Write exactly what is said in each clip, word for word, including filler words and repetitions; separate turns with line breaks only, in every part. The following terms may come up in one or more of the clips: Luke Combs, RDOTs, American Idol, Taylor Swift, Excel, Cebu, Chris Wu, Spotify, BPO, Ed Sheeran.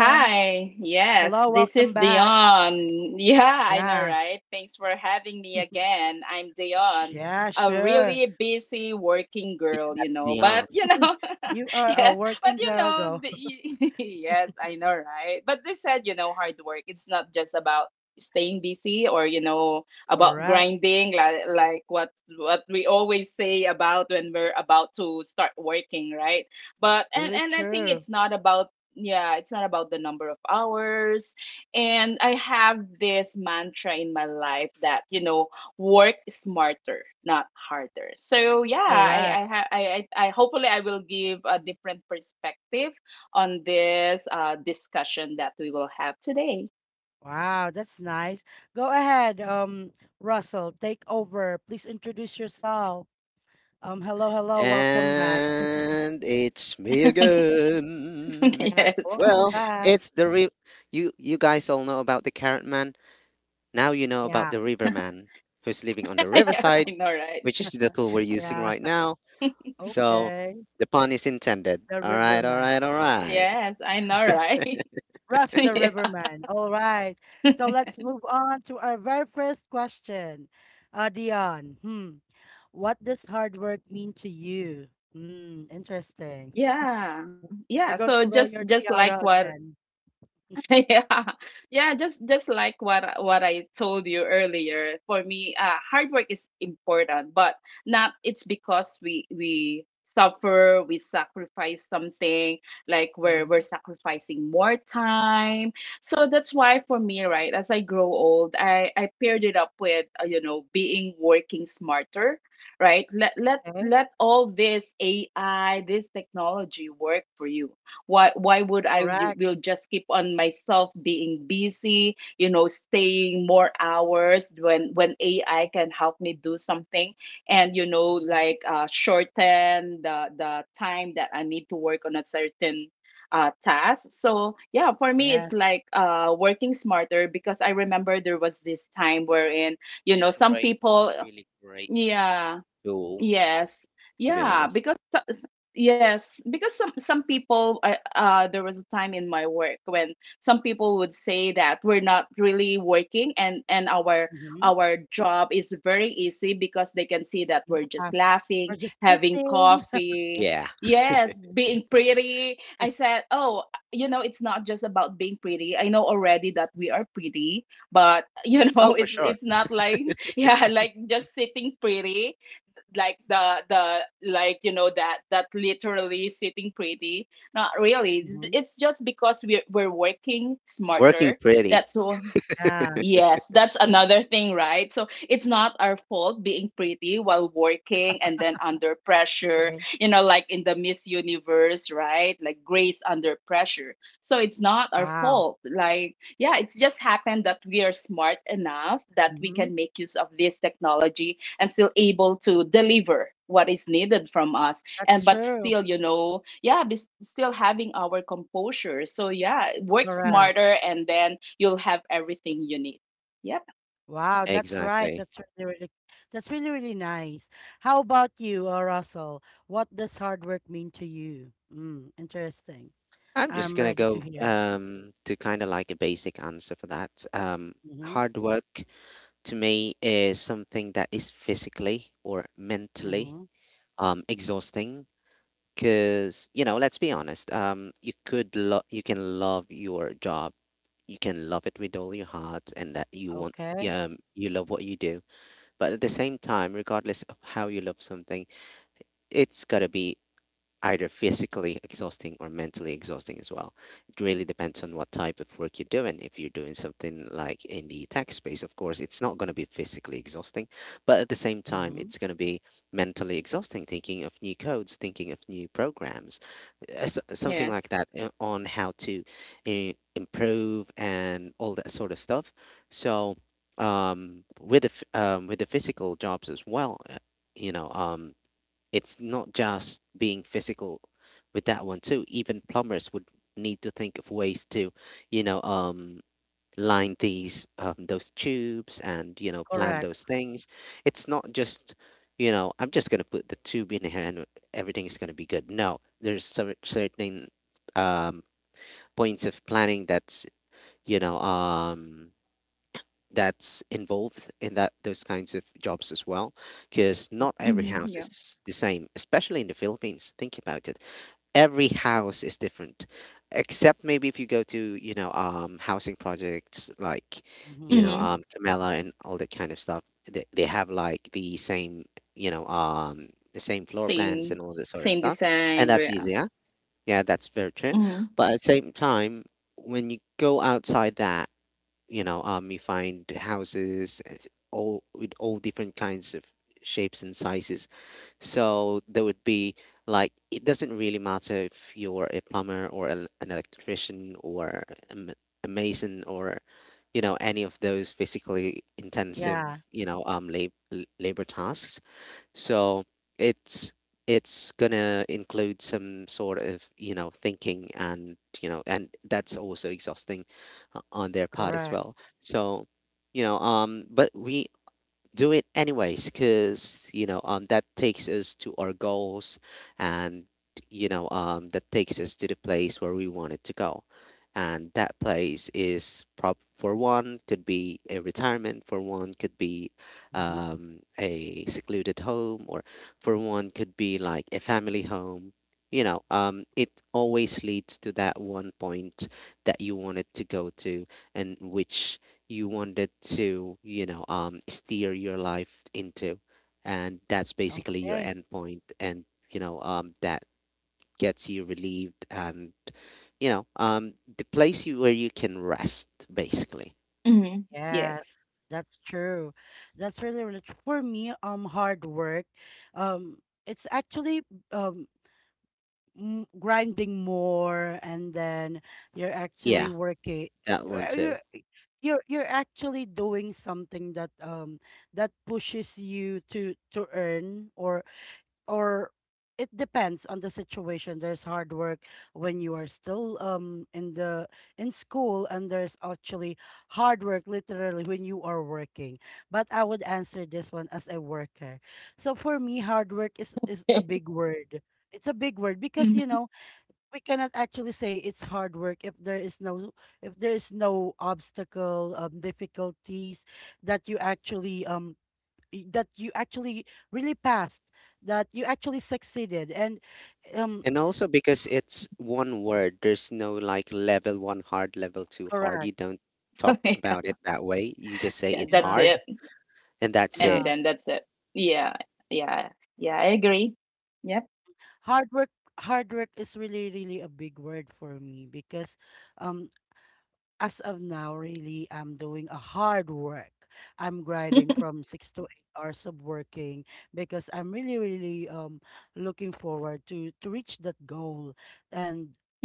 Hi, yes, this is Dion. Yeah, I know, right? Thanks for having me again. I'm Dion, a really busy working
Yeah,
girl, you
that's
know,
Dion.
but you know, yes, but you know, the, yes, I know, right? But they said, you know, hard work, it's not just about staying busy or you know about grinding, like like what what we always say about when we're about to start working, right? But and and I think it's not about, yeah, it's not about the number of hours. And I have this mantra in my life that you know work smarter, not harder. So yeah, I I ha- I, I I- hopefully I will give a different perspective on this uh discussion that we will have today.
And it's me
Yes.
again. Well, it's the re- you you guys all know about the carrot man. Now you know about the river man who's living on the
Yeah,
riverside,
I know, right.
which is the tool we're using right now. So the pun is intended. All right, all right, all right.
Yes, I know, right. Yeah, yeah, yeah, so just just like what. Yeah. Yeah, just just like what I- what I told you earlier. For me, uh, hard work is important, but not it's because we we suffer, we sacrifice something, like we're we're sacrificing more time. So that's why for me, right, as I grow old, i i paired it up with, uh, you know being working smarter, right? Let let let all this AI, this technology work for you. Why why would i y- will just keep on myself being busy, you know staying more hours, when when AI can help me do something? And you know like uh, shorten the the time that I need to work on a certain uh, task. So yeah, for me it's like, uh, working smarter. Because I remember there was this time wherein, you
It is
know some
right
people.
really great
Yeah.
tool,
Yes.
to be
Yeah,
honest.
because so- s- yes, because some some people, uh, uh there was a time in my work when some people would say that we're not really working, and and our our job is very easy because they can see that we're just laughing, having coffee.
Yeah.
Yes, being pretty. I said, "Oh, you know, it's not just about being pretty. I know already that we are pretty, but you
Oh,
know,
for
it's
sure.
it's not like, yeah, like just sitting pretty, like the the, like you know that that literally sitting pretty. Not really. It's, it's just because we're, we're working
Working
smarter,
pretty.
that's all. Yes, that's another thing, right? So it's not our fault being pretty while working and then under pressure, you know, like in the Miss Universe, right? Like grace under pressure. So it's not our fault. Like, yeah, it's just happened that we are smart enough that we can make use of this technology and still able to deliver what is needed from us. And but still, you know yeah, be, still having our composure. So yeah, work smarter, and then you'll have everything you need. Yep.
Exactly. I'm just gonna go um to kind of like a basic answer for that. Um, hard work to me is something that is physically or mentally um exhausting. Because you know, let's be honest. Um, you could lo- you can love your job, you can love it with all your heart, and that you want um you love what you do. But at the same time, regardless of how you love something, it's gotta be either physically exhausting or mentally exhausting as well. It really depends on what type of work you're doing. If you're doing something like in the tech space, of course, it's not going to be physically exhausting, but at the same time, it's going to be mentally exhausting thinking of new codes, thinking of new programs, uh, so- something
Yes.
like that uh, on how to uh, improve and all that sort of stuff. So, um, with the f- um, with the physical jobs as well, uh, you know, um, it's not just being physical with that one too. Even plumbers would need to think of ways to, you know, um, line these um, those tubes and you know plan those things. It's not just you know I'm just gonna put the tube in here and everything is gonna be good. No, there's cer- certain um, points of planning that's you know um, that's involved in that those kinds of jobs as well because not every
Hmm.
house
Yeah.
is the same, especially in the Philippines. Think about it, every house is different except maybe if you go to you know um housing projects like you know
Hmm.
um Camela and all that kind of stuff. They, they have like the same you know um the same floor plans and
Same.
all that sort of
Same
stuff, and
design.
that's
Yeah.
easier. Yeah, that's very true.
Hmm.
But at the same time, when you go outside that, you know um you find houses uh, all with all different kinds of shapes and sizes, so there would be like it doesn't really matter if you're a plumber or an an electrician or a, ma- a mason or you know any of those physically intensive you know um lab- labor tasks. So it's it's gonna include some sort of, you know, thinking, and you know, and that's also exhausting uh, on their part as well. So, you know, um, but we do it anyways because you know um that takes us to our goals, and you know um that takes us to the place where we wanted to go. And that place is prop for one could be a retirement, for one could be um a secluded home, or for one could be like a family home. You know um it always leads to that one point that you wanted to go to and which you wanted to, you know, um, steer your life into, and that's basically your endpoint. And you know, um, that gets you relieved, and you know, um, the place you, where you can rest, basically.
Hmm. Yes.
Yeah, that one too.
Hmm.
And also because it's one word, there's no like level one hard, level two hard. You don't talk
Yeah,
about it that way. You just say
yeah,
it's
that's it.
hard, and that's
And
it.
then that's it. Yeah. Yeah. Yeah, I agree. Yep.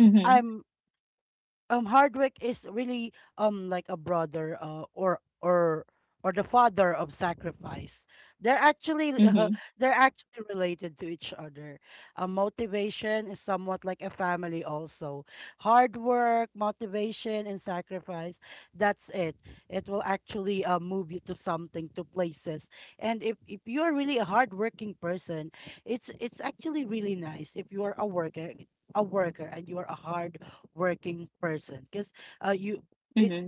Hmm. Hmm.
Mhm.
Hmm.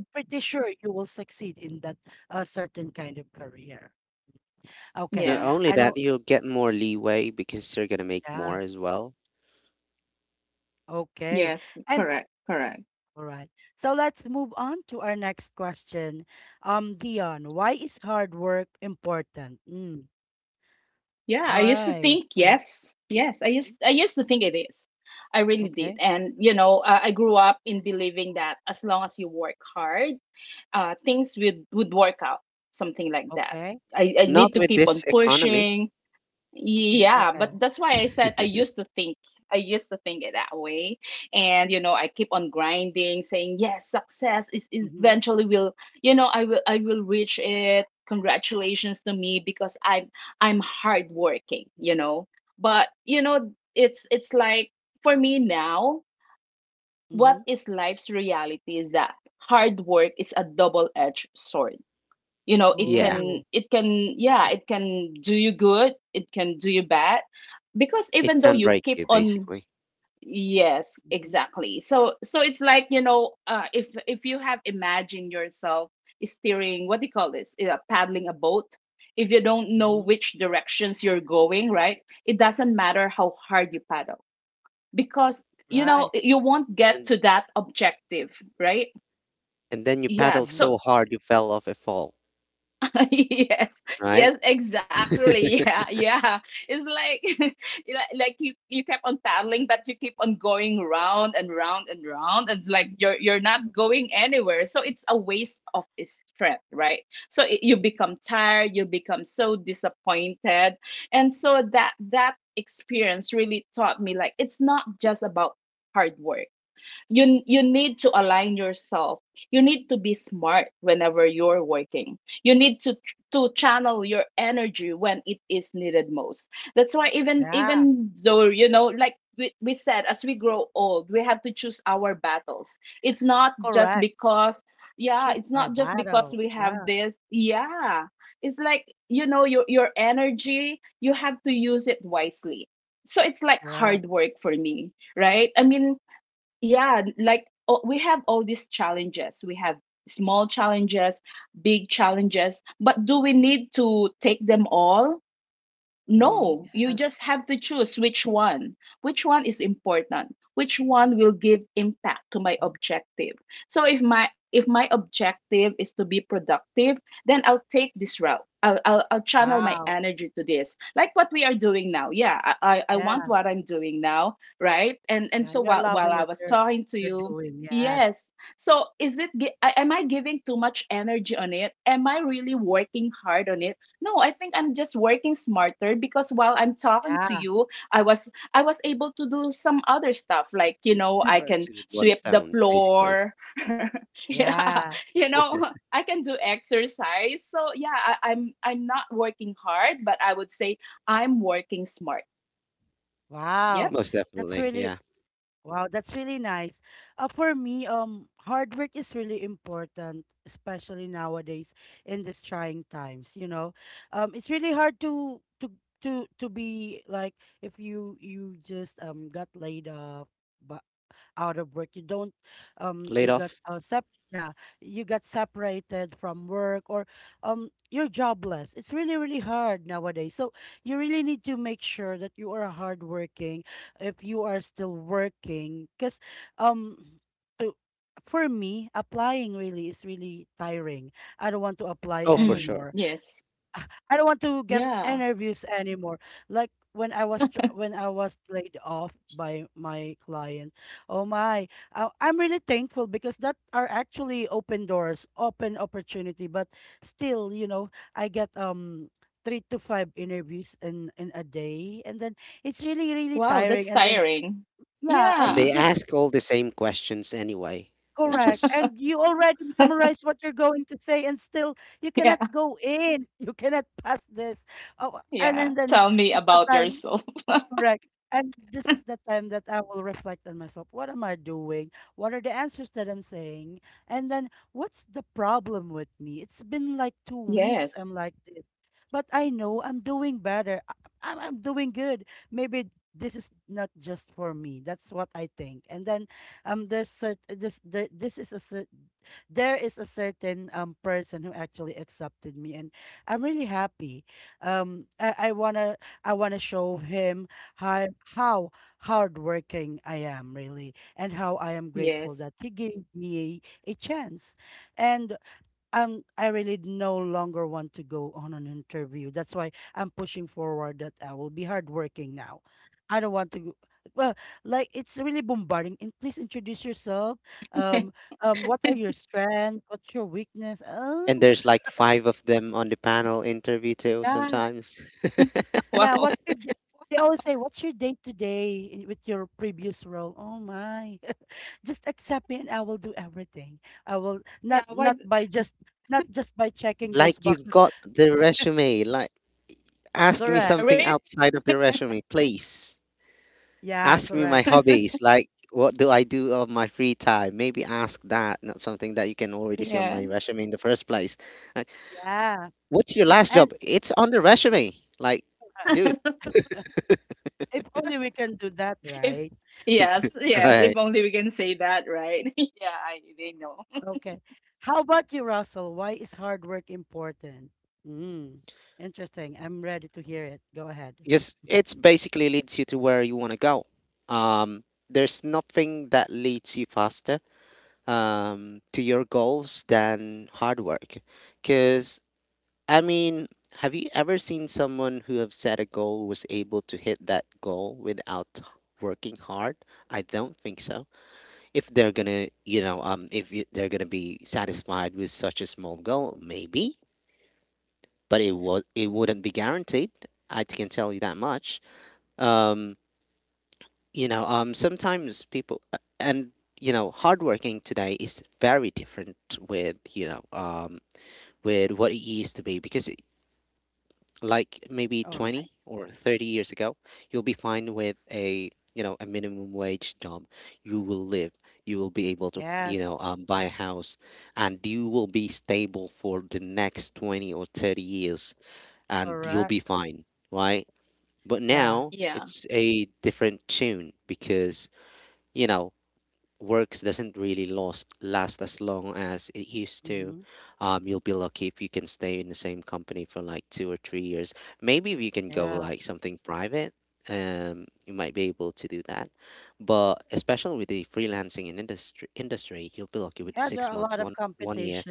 Not
Yeah.
only that, you'll get more leeway because you're gonna make more as well.
Yes, correct, correct. Yeah, I used to think, yes, yes. I used I used to think it is. I really did. And you know, uh, I grew up in believing that as long as you work hard, uh, things would would work out, something like that. I, I need
Not
to
with
keep
this
on
economy.
pushing. Yeah, but that's why I said I used to think. I used to think it that way. And you know, I keep on grinding, saying, "Yes, success is eventually will, you know, I will I will reach it. Congratulations to me because I'm I'm hardworking, you know." But, you know, it's it's like for me now, what is life's reality is that hard work is a double-edged sword. You know it
Yeah,
can, it can, yeah, it can do you good, it can do you bad. Because
it
even though
can
you
break
keep
you
on,
basically.
yes, exactly. So so it's like, you know uh, if if you have imagined yourself steering, what do you call this? Yeah, paddling a boat. If you don't know which directions you're going, right, it doesn't matter how hard you paddle, because you know you won't get
And
to that objective, right?
and then you
Yeah,
paddled
so.
so hard you fell off a fall,
Yes.
right?
Yes, exactly. Yeah, yeah. It's like like like you you kept on paddling, but you keep on going round and round and round. It's like you're you're not going anywhere. So it's a waste of strength, right? So it, you become tired, you become so disappointed. And so that that experience really taught me, like, it's not just about hard work. You you need to align yourself. You need to be smart whenever you're working. You need to to channel your energy when it is needed most. That's why even even though, you know like we, we said, as we grow old we have to choose our battles. It's not just because, yeah, it's not just because we have this. Yeah, it's like, you know your your energy, you have to use it wisely. So it's like hard work for me, right, I mean, yeah, like, oh, we have all these challenges. We have small challenges, big challenges, but do we need to take them all? No, you just have to choose which one. Which one is important? Which one will give impact to my objective? So if my if my objective is to be productive, then I'll take this route. I'll I'll, I'll channel my energy to this. Like what we are doing now. Yeah, I, I I want what I'm doing now, right? And and so while while I was talking to you, yes. So is it gi- a- am I giving too much energy on it? Am I really working hard on it? No, I think I'm just working smarter because while I'm talking to you, I was I was able to do some other stuff, like, you
It's
know,
two
I
birds
can
with one
sweep the
stone, basically.
floor. Yeah. You know, I can do exercise. So, yeah, I, I'm I'm not working hard, but I would say I'm working smart. Yep.
Most definitely, yeah. Laid off? Oh, for
Mm,
sure.
yes. Yeah. Wow, that's tiring.
And
Yeah.
they ask all the same questions anyway, which is
Yeah. Yeah. Tell me about yourself. Yes. Yes.
and there's like five of them on the panel interview too sometimes.
Wow. Yeah, why.
Like you've got the resume, like ask me
Yeah,
something
really.
outside of the resume, please. Ask me my
Yes.
hobbies, like what do I do of my free time? Maybe ask that, not something that you can already see on
Yeah.
my resume in the first place. Like, what's your last job? It's on the resume. Like, dude,
If Yes, yes. If
right?
only we can say that, right? Yeah, I they know.
Just it's basically leads you to where you want to go. Um, there's nothing that leads you faster um to your goals than hard work, because I mean, have you ever seen someone who have set a goal was able to hit that goal without working hard? I don't think so. If they're gonna, you know, um, if you, they're gonna be satisfied with such a small goal, maybe, but it was it wouldn't be guaranteed. I can tell you that much. Um, you know, um, Sometimes people uh, and you know, hardworking today is very different with you know, um, with what it used to be, because like maybe twenty or thirty years ago you'll be fine with a you know a minimum wage job. You will live, you will be able to you know um, buy a house, and you will be stable for the next twenty or thirty years and you'll be fine, right? But now
Yeah.
it's a different tune because you know works doesn't really last last as long as it used to. Um, you'll be lucky if you can stay in the same company for like two or three years. Maybe if you can go like something private, um, you might be able to do that. But especially with the freelancing and industry industry, you'll be lucky with six months, one one year,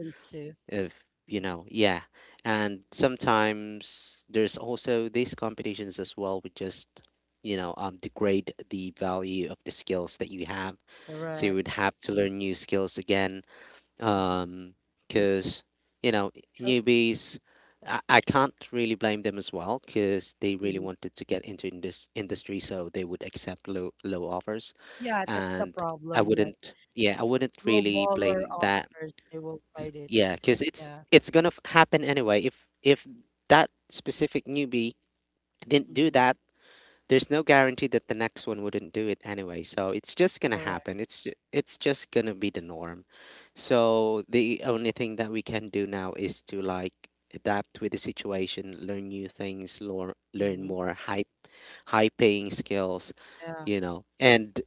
if you know, yeah. And sometimes there's also these competitions as well, which just you know um, degrade the value of the skills that you have, so you would have to learn new skills again, um because you know newbies, I, I can't really blame them as well because they really wanted to get into in this industry so they would accept low low offers, and I wouldn't. Yeah, I wouldn't really blame that. S- yeah, because it's it's gonna f- happen anyway. If if that specific newbie didn't do that, there's no guarantee that the next one wouldn't do it anyway, so it's just gonna happen. It's ju- it's just gonna be the norm. So the only thing that we can do now is to like adapt with the situation, learn new things, learn learn more high high paying skills, you know. And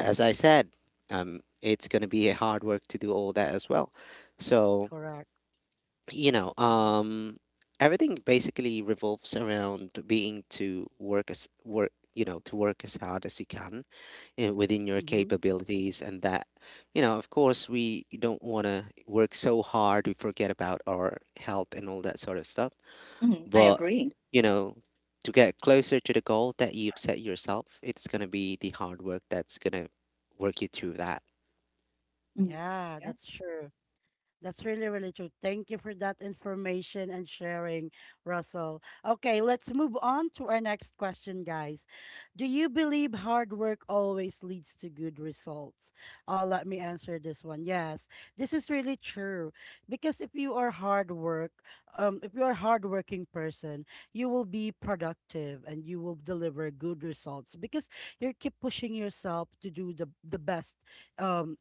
as I said, um it's gonna be a hard work to do all that as well. So you know, um, everything basically revolves around being to work as work, you know, to work as hard as you can uh, within your capabilities, and that, you know, of course, we don't want to work so hard we forget about our health and all that sort of stuff.
Hmm. I
But
agree.
you know, to get closer to the goal that you've set yourself, it's gonna be the hard work that's gonna work you through that.
Mm. Yeah.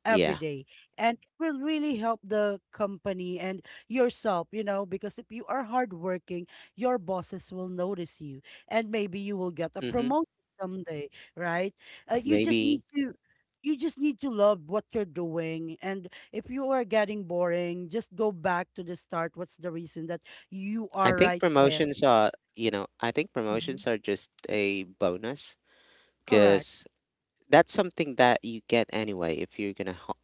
Yeah. Mm-hmm. Maybe. I think promotions are, you know, I think promotions are just a bonus because that's something that you get anyway if you're gonna ho-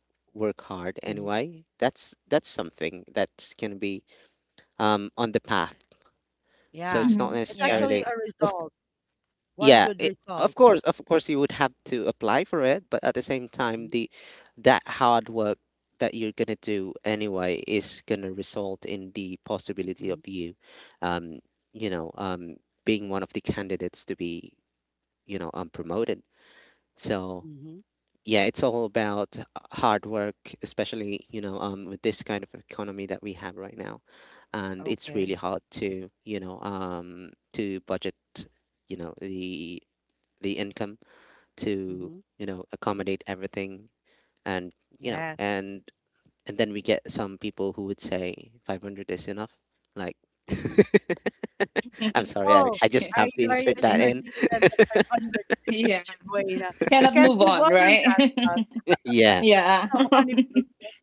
work hard anyway. That's that's something that's gonna be um on the path. So it's
Hmm.
not
Yeah.
necessarily, of yeah, it, of course, of course, you would have to apply for it, but at the same time, the that hard work that you're gonna do anyway is gonna result in the possibility of you, um, you know, um, being one of the candidates to be, you know, um, promoted. So yeah, it's all about hard work, especially you know, um, with this kind of economy that we have right now, and it's really hard to, you know, um, to budget, you know, the the income to you know accommodate everything, and you know and and then we get some people who would say five hundred is enough, like I'm sorry, I, I just
Yeah.
have to insert that
Yeah.
in.
Yeah. Cannot move on, right?
Yeah.
Yeah.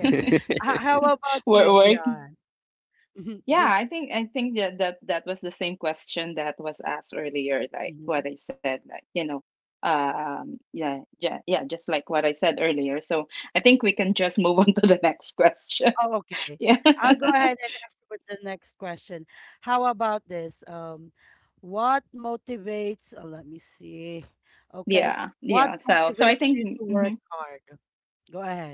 Work, work. Yeah, I think I think that that that was the same question that was asked earlier, like what I said, like, you know, um, yeah, yeah, yeah, just like what I said earlier. So I think we can just move on to the next question. Yeah, yeah, yeah. So so I think. Mhm.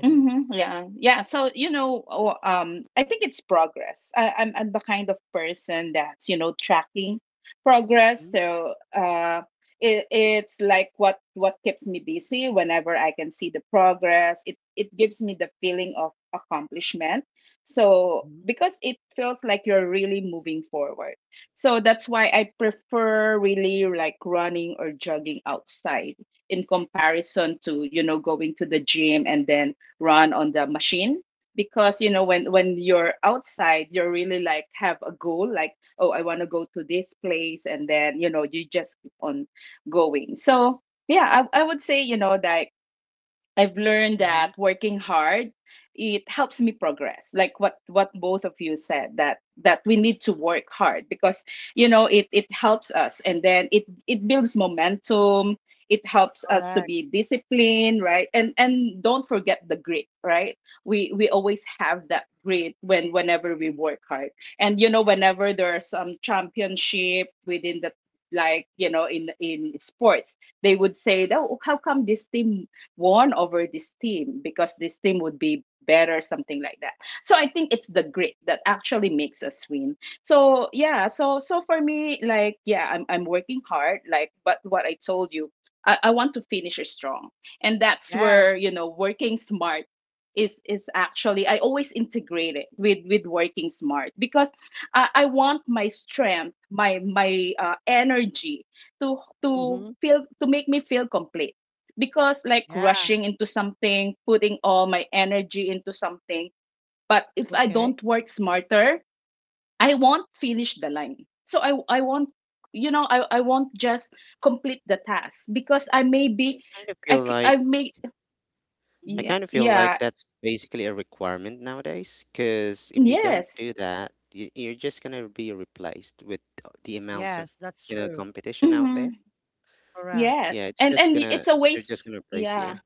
Mhm, yeah. Yeah, so, you know, oh, um, I think it's progress. I, I'm I'm the kind of person that's, you know, tracking progress. So, uh, it, it's like what what keeps me busy whenever I can see the progress. It it gives me the feeling of accomplishment. So, because it feels like you're really moving forward. So that's why I prefer really, like, running or jogging outside in comparison to, you know, going to the gym and then run on the machine. Because you know when when you're outside, you're really, like, have a goal, like, oh, I want to go to this place, and then, you know you just keep on going, so. Yeah, i, I would say, you know that I've learned that working hard, it helps me progress, like what what both of you said, that that we need to work hard because, you know it it helps us, and then it it builds momentum. It helps us to be disciplined, right? And and don't forget the grit, right? We we always have that grit when whenever we work hard. And, you know whenever there are some championship within the, like you know in in sports, they would say, oh, how come this team won over this team, because this team would be better, something like that. So I think it's the grit that actually makes us win. So yeah, so so for me, like, yeah, I'm I'm working hard, like, but what I told you, I, I want to finish strong. And that's where, you know, working smart is is actually, I always integrate it with with working smart, because I, I want my strength, my my uh, energy to to feel to make me feel complete. Because, like, rushing into something, putting all my energy into something, but if I don't work smarter, I won't finish the line. So I I won't, you know I, I won't just complete the task because I may be,
Kind of
I
feel
c-
like
I may.
I
Yeah,
kind of feel like
yeah.
that's basically a requirement nowadays because if you don't
Yes.
do that, y- you're just gonna be replaced with the amount of you know competition out there.
Hmm. Yes,
Yeah, it's
and
just
and
gonna
it's a
they're just
waste.
gonna replace you.
Yeah.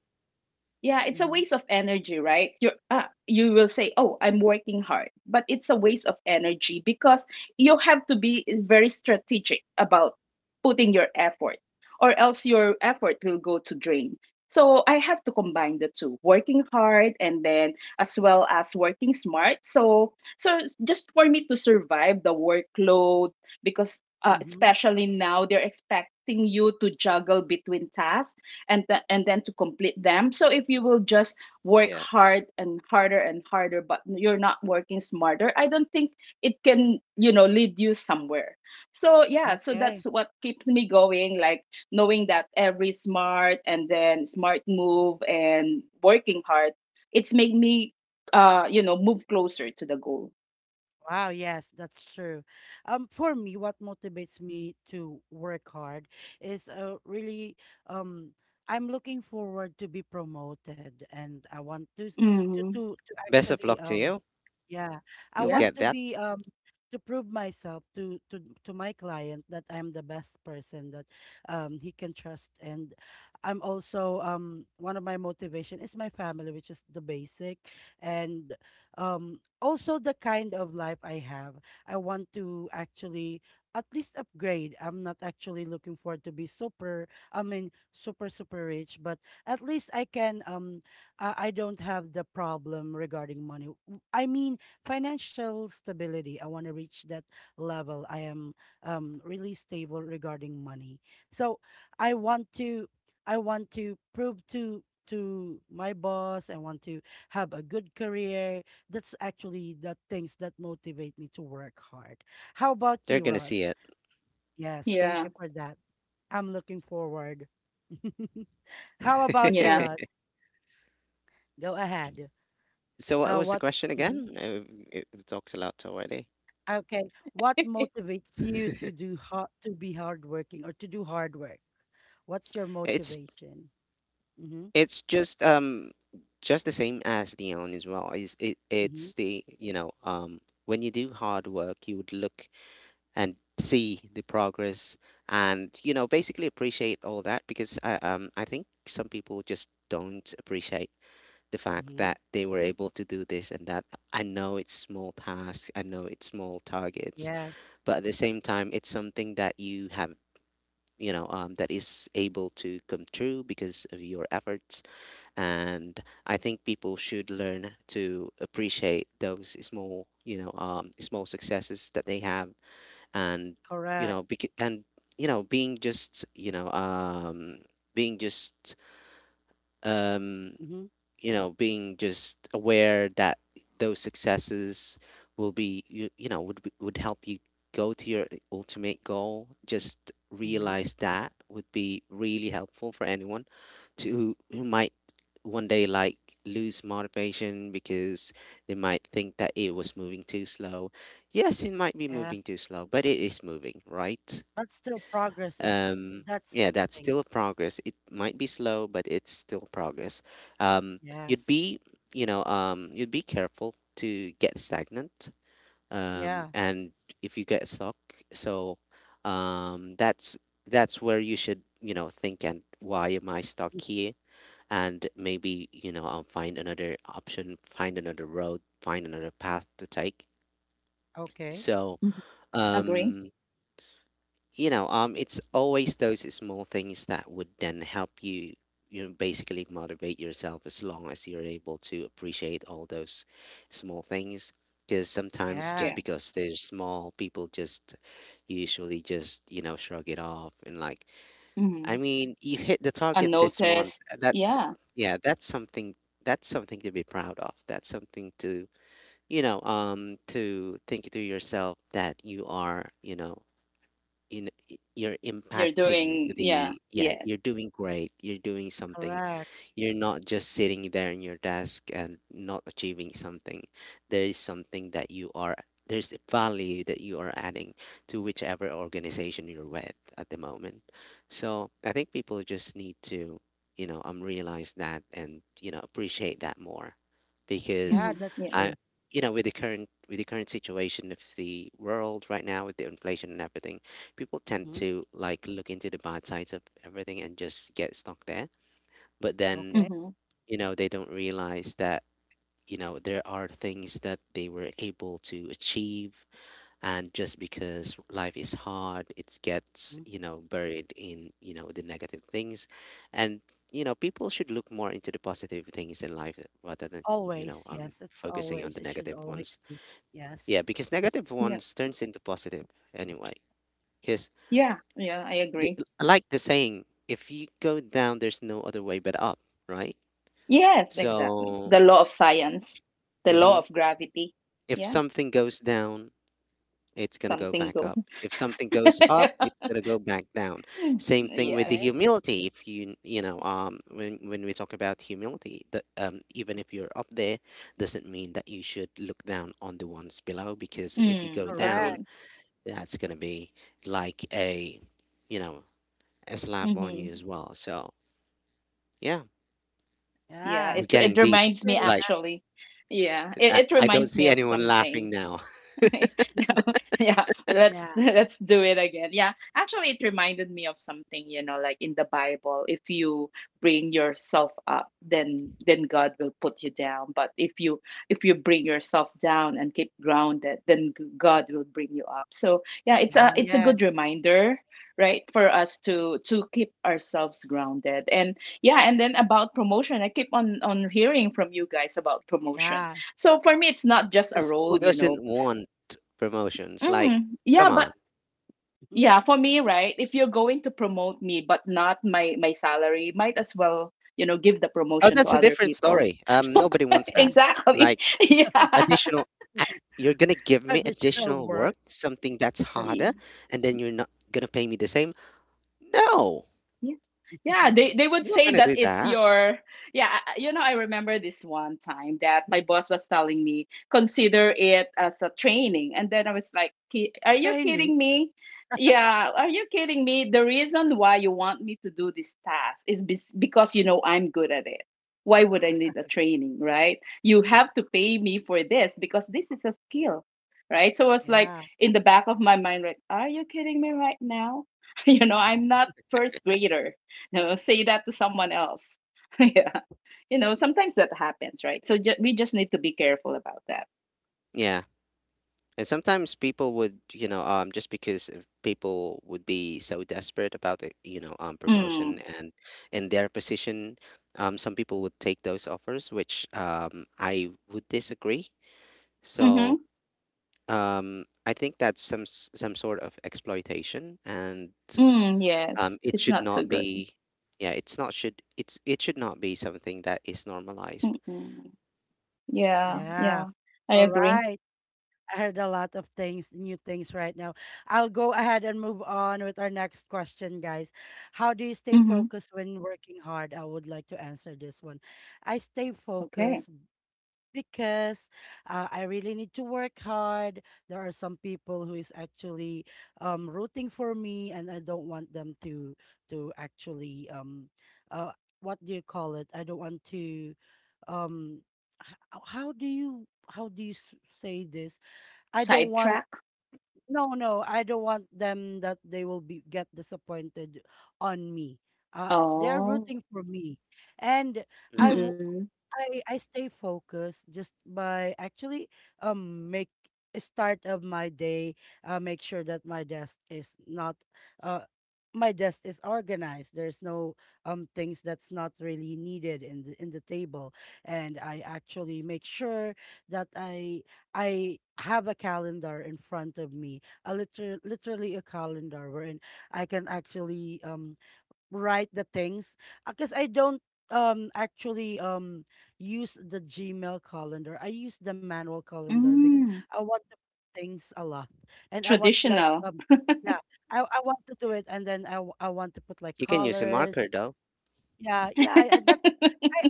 Yeah, it's a waste of energy, right? You uh, you will say, "Oh, I'm working hard," but it's a waste of energy because you have to be very strategic about putting your effort, or else your effort will go to drain. So I have to combine the two, working hard and then as well as working smart. So so just for me to survive the workload because uh, especially now they're expecting you to juggle between tasks and th- and then to complete them. So if you will just work
Yeah,
hard and harder and harder but you're not working smarter, I don't think it can, you know, lead you somewhere. So yeah, so that's what keeps me going, like knowing that every smart and then smart move and working hard, it's made me, uh you know move closer to the goal. Mm-hmm.
best of luck to you. You'll
Yeah,
get that. They're gonna see it.
yeah, yeah.
So what was the question again? Uh, It, it talks a lot already. It's it's just um just the same as the own as well. Is it it's the you know um when you do hard work, you would look and see the progress and you know basically appreciate all that because I um I think some people just don't appreciate the fact that they were able to do this and that. I know it's small tasks. I know it's small targets, but at the same time it's something that you have, you know um, that is able to come true because of your efforts. And I think people should learn to appreciate those small, you know um, small successes that they have. And you know bec- and you know being just you know um being just um you know, being just aware that those successes will be, you, you know, would be, would help you go to your ultimate goal. Just realize that would be really helpful for anyone to who might one day like lose motivation because they might think that it was moving too slow. Yes, it might be moving too slow, but it is moving, right? um yeah, that's still progress. It might be slow, but it's still progress. um You'd be, you know um you'd be careful to get stagnant um and if you get stuck, so um that's that's where you should, you know, think and why am I stuck here. And maybe you know um, find another option, find another road, find another path to take.
Mhm.
So
Agree.
um you know, um, it's always those small things that would then help you, you know, basically motivate yourself, as long as you're able to appreciate all those small things. Because sometimes, just
Yeah.
because they're small, people just usually just, you know, shrug it off and like, I
Mm-hmm.
mean, you hit the target this month.
Unnoticed.
uh, That's,
Yeah.
yeah, that's something, that's something to be proud of. That's something to, you know, um, to think to yourself that you are, you know, you know, you're
You're
impacting
doing, yeah,
the, yeah,
yes.
you're doing great, you're doing something. You're not just sitting there in your desk and not achieving something. There is something that you are, there's the value that you are adding to whichever organization you're with at the moment. So I think people just need to, you know, um, realize that and, you know, appreciate that more because
Hmm, yeah.
I, you know, with the current with the current situation of the world right now, with the inflation and everything, people tend to like look into the bad sides of everything and just get stuck there. But then,
Hmm.
you know, they don't realize that, you know, there are things that they were able to achieve, and just because life is hard, it gets, you know, buried in, you know, the negative things. And, you know, people should look more into the positive things in life rather than you know um focusing on the negative ones. Yeah, because negative
Yeah,
ones turns into positive anyway. Because
yeah, yeah, I
the,
agree.
like the saying, if you go down there's no other way but up, right?
Yes, exactly,
So
the law of science. The law
mhm.
of gravity.
If
Yeah,
something goes down, it's going to go
something
back
goes.
up. If something goes up, it's going to go back down.
Mm,
Same thing with the
yes.
humility. If you, you know, um, when, when we talk about humility, that um, even if you're up there, doesn't mean that you should look down on the ones below, because if you go
Mm,
down,
agree.
that's going to be like a, you know, a slap on you
Hmm,
as well. So, yeah,
yeah.
we're
it,
getting
it
deep.
reminds me
Like,
actually. Yeah,
I,
it, it
I don't
reminds
see
me of
anyone
something.
laughing now.
No, yeah, but let's let's do it again. Yeah, actually, it reminded me of something, you know, like in the Bible, if you bring yourself up, then then God will put you down. But if you if you bring yourself down and keep grounded, then g- God will bring you up. So yeah, it's a it's a good reminder, right, for us to to keep ourselves grounded. And yeah, and then about promotion, I keep on on hearing from you guys about promotion. So for me, it's not just a
Chris Wu
role, you know,
doesn't want promotions. Like,
Mm, yeah,
come
but
on.
yeah, for me, right? If you're going to promote me but not my my salary, might as well, you know, give the
Oh,
promotion to
that's a
other
different
people.
story. Um, nobody wants that.
Exactly.
Like
Yeah.
additional, a- you're gonna give me additional work, something that's
Yeah.
harder, and then you're not gonna pay me the same. No,
Yeah. Yeah, they they
I'm
would
not
say
gonna
that
do
it's
that.
your, yeah, I- you know, I remember this one time that my boss was telling me, consider it as a training. And then I was like, "Ki- "Are you kidding me?" Yeah, are you kidding me? The reason why you want me to do this task is bes- because you know I'm good at it. Why would I need a training, right? You have to pay me for this because this is a skill, right? So I was like, in the back of my mind, like, "Are you kidding me right now?" You know, I'm not first grader. You know, say that to someone else. Yeah, you know sometimes that happens, right? So ju- we just need to be careful about that.
Yeah, and sometimes people would, you know, um, just because of people would be so desperate about it, you know, um, promotion
Mm.
and in their position, um, some people would take those offers, which um, I would disagree. So
Mm-hmm.
um, I think that's some s- some sort of exploitation, and
Mm, yes,
um, it
it's
should
not so
not
good.
be. Yeah, it's not should it's, it should not be something that is normalized.
Mm-mm. Yeah, yeah, I agree. Mm-hmm. Okay. Sidetrack. Oh.
Hmm.
Mm-mm. Mm. Traditional.
You can use a marker though.
Oh.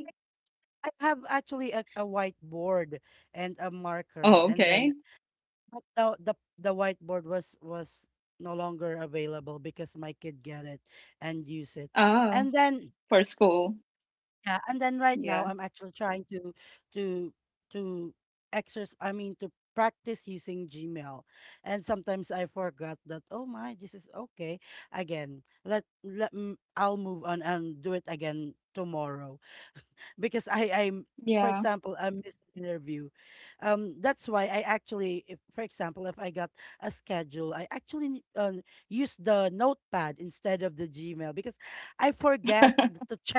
Okay. Oh. For school. Yeah. Yeah.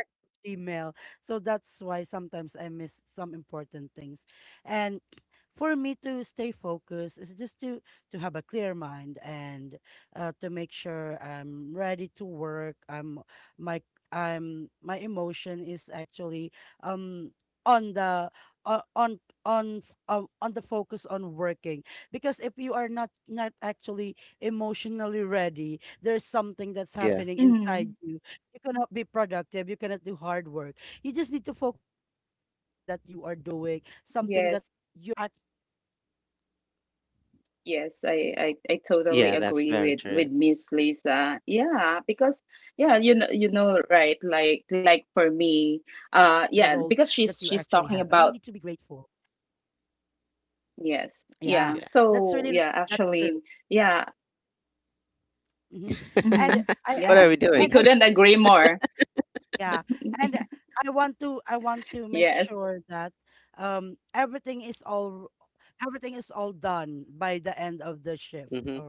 Yeah,
Mm. Yes. Yes, I, I, I totally
yeah, that's
agree
very
with
true.
with Miss Lisa. Yeah, because yeah, you know you know right, like like for me, uh yeah, because she's she's talking about, yes, yeah.
Yeah.
So yeah, actually, yeah, hmm,
What are
yeah,
we
we
doing?
couldn't agree more. Yes.
Hmm.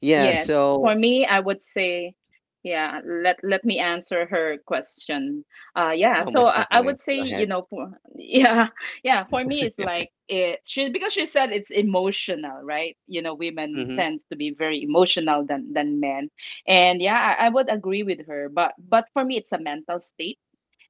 Yeah.
Yes. For
So
me, I would say, yeah, let let me answer her question. Uh yeah, so
almost
I, I
definitely.
would say,
Go
you
ahead.
know, for yeah, yeah, for me it's like it she because she said it's emotional, right? You know, women
Hmm.
tends to be very emotional than than men. And yeah, I, I would agree with her, but but for me it's a mental state,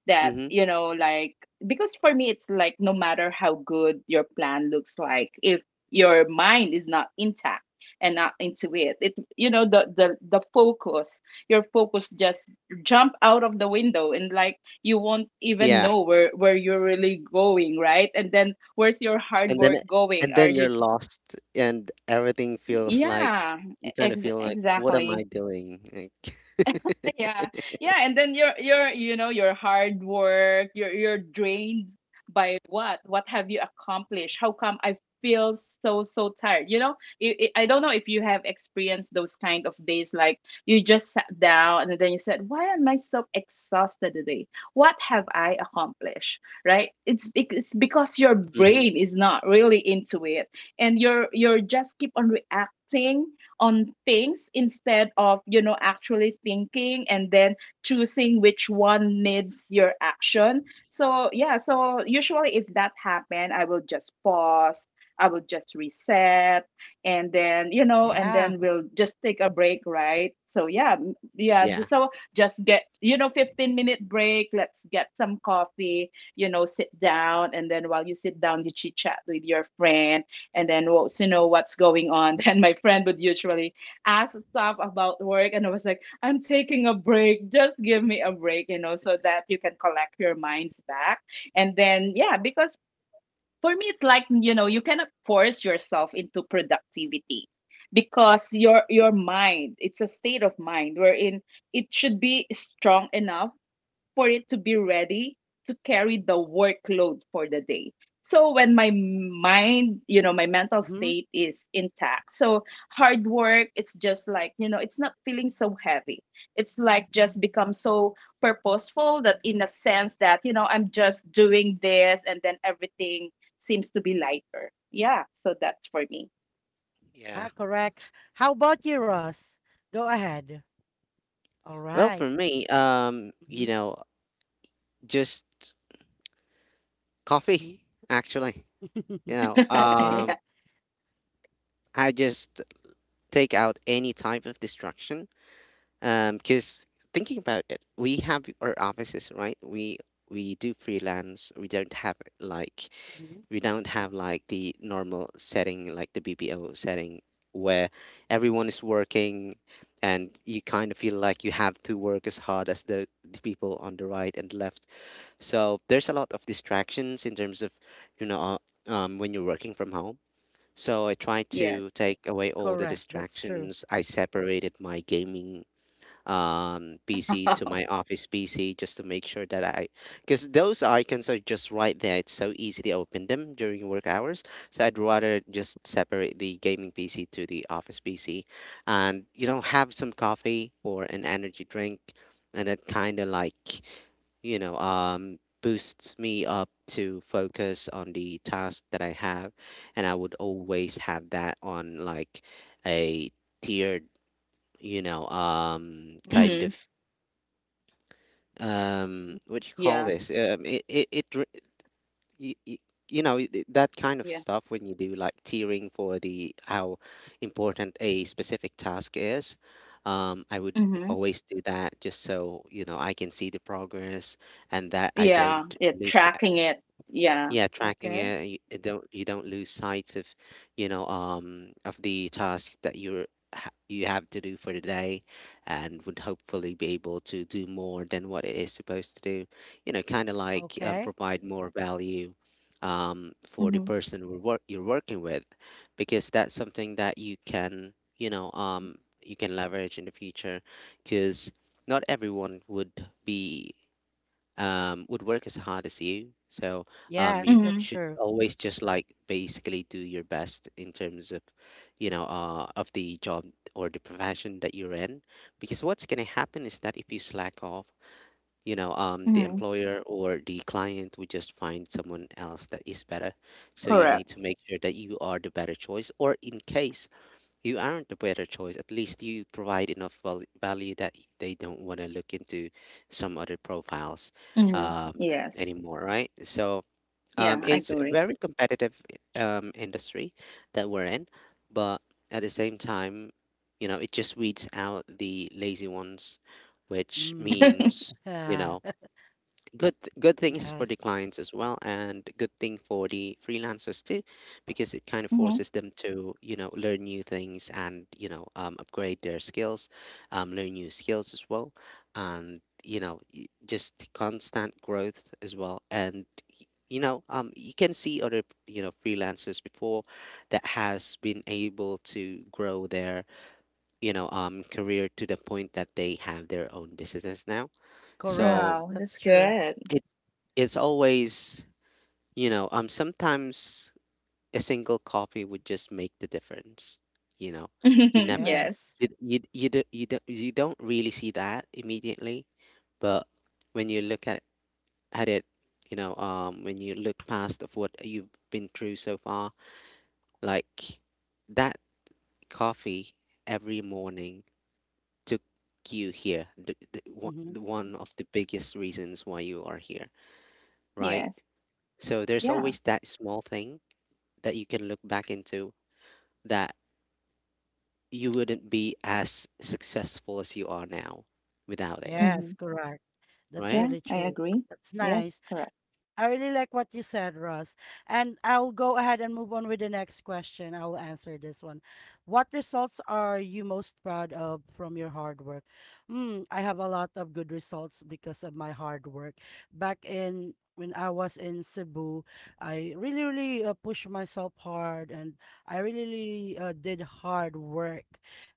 that
Hmm.
you know like, because for me it's like, no matter how good your plan looks like, if your mind is not intact and not into it it you know the the the focus, your focus just jump out of the window and like, you won't even
Yeah.
know where where you're really going, right? And then where's your hard
And then,
work going,
and
are
then
you
you're
ju-
lost and everything feels like
yeah, e-,
you kind of
ex-
feel like what am I
exactly
doing like
Yeah. Yeah, and then your your you know your hard work, you're you're drained by what? What have you accomplished? How come I feel so so tired? You know, I I I don't know if you have experienced those kind of days, like you just sat down and then you said, "Why am I so exhausted today? What have I accomplished?" Right? It's bec- it's because your
hmm.
brain is not really into it, and you're you're just keep on reacting on things instead of, you know actually thinking, and then choosing which one needs your action. So yeah, so usually if that happen, I will just pause, I will just reset, and then, you know and
Yeah.
then we'll just take a break, right? So yeah, m- yeah ju-
Yeah,
so just get, you know fifteen minute break. Let's get some coffee, you know, sit down, and then while you sit down, you chit chat with your friend and then wants to know what's going on. Then my friend would usually ask stuff about work, and I was like, I'm taking a break. Just give me a break, you know, so that you can collect your minds back. And then, yeah, because for me, it's like, you know, you cannot force yourself into productivity, because your your mind, it's a state of mind wherein it should be strong enough for it to be ready to carry the workload for the day. So when my mind, you know, my mental
Mm-hmm.
state is intact. So hard work, it's just like, you know, it's not feeling so heavy. It's like just become so purposeful, that in a sense that, you know, I'm just doing this and then everything seems to be lighter. Yeah. So that's for me.
yeah.
Yeah, correct. How about you, Ross? Go ahead. All
Well
right.
for me, um
Mm-hmm.
you know, just coffee actually.
Mm-hmm.
you know
Okay.
Yeah.
um I just take out any type of distraction, um because thinking about it, we have our offices, right? We we do freelance. We don't have like,
Mm-hmm.
we don't have like the normal setting, like the B P O setting where everyone is working and you kind of feel like you have to work as hard as the, the people on the right and left. So there's a lot of distractions in terms of, you know, uh, um, when you're working from home. So I try
Yes.
to take away all the
Correct. That's true.
distractions. I separated my gaming um P C to my office P C just to make sure that I, because those icons are just right there. It's so easy to open them during work hours. So I'd rather just separate the gaming P C to the office P C and, you know, have some coffee or an energy drink, and that kind of like, you know um boosts me up to focus on the task that I have. And I would always have that on like a tiered, you know um
Hmm.
kind of um
Mhm.
what do you
Yeah.
call this, um it it, it re- y- y- you know, it- it- that kind of
Yeah.
stuff when you do like tiering for the how important a specific task is. um I would
Hmm.
always do that just so, you know, I can see the progress and that I
Yeah.
don't
Yeah.
lose.
Tracking it. Yeah.
Yeah, tracking it,
Okay.
and you it don't you don't lose sight of, you know, um, of the tasks that you're ha- you have to do for the day, and would hopefully be able to do more than what it is supposed to do. You know, kind of like um,
Okay.
provide more value, um, for the
Mhm.
person who work you're working with, because that's something that you can, you know,
Mhm.
um, you can leverage in the future, because not everyone would be um, would work as hard as you. So um,
Yes,
you
that's
Mhm.
should
true.
always just like basically do your best in terms of, you know, uh, of the job or the profession that you're in. Because what's going to happen is that if you slack off, you know, um, the
Mhm.
employer or the client would just find someone else that is better. So you
Correct.
need to make sure that you are the better choice. Or in case you aren't the better choice, at least you provide enough val- value that y- they don't want to look into some other profiles,
Mhm.
um,
Yes.
anymore, right? So um,
Yeah, I
it's a
agree.
very competitive um, industry that we're in, but at the same time, you know, it just weeds out the lazy ones, which
Mm.
means, you
Yeah.
know, good good things for the
Yes.
clients as well and good thing for the freelancers too, because it kind of
Mhm.
forces them to, you know, learn new things and, you know, um, upgrade their skills, um, learn new skills as well. And, you know, y- just constant growth as well, and y- you know, um, you can see other, you know, freelancers before that has been able to grow their, you know, um, career to the point that they have their own businesses now.
Correct.
So
Wow,
That's
that's
true.
good.
it's it's always, you know, um sometimes a single coffee would just make the difference, you know. You never,
Yes.
Yes.
you you you don't, you don't, you don't really see that immediately, but when you look at at it, you know, um when you look past of what you've been through so far, like that coffee every morning took you here, the, the, one
Mm-hmm.
the one of the biggest reasons why you are here, right?
Yes.
So there's always
Yeah.
that small thing that you can look back into, that you wouldn't be as successful as you are now without it,
Yes,
Mhm.
correct. That's
right?
Yeah,
really
I
true.
agree.
That's
Yes,
nice.
correct.
I really like what you said, Ross. And I'll go ahead and move on with the next question. I'll answer this one. What results are you most proud of from your hard work? Mm, I have a lot of good results because of my hard work. Back in when I was in Cebu, I really, really uh, pushed myself hard and I really, really uh, did hard work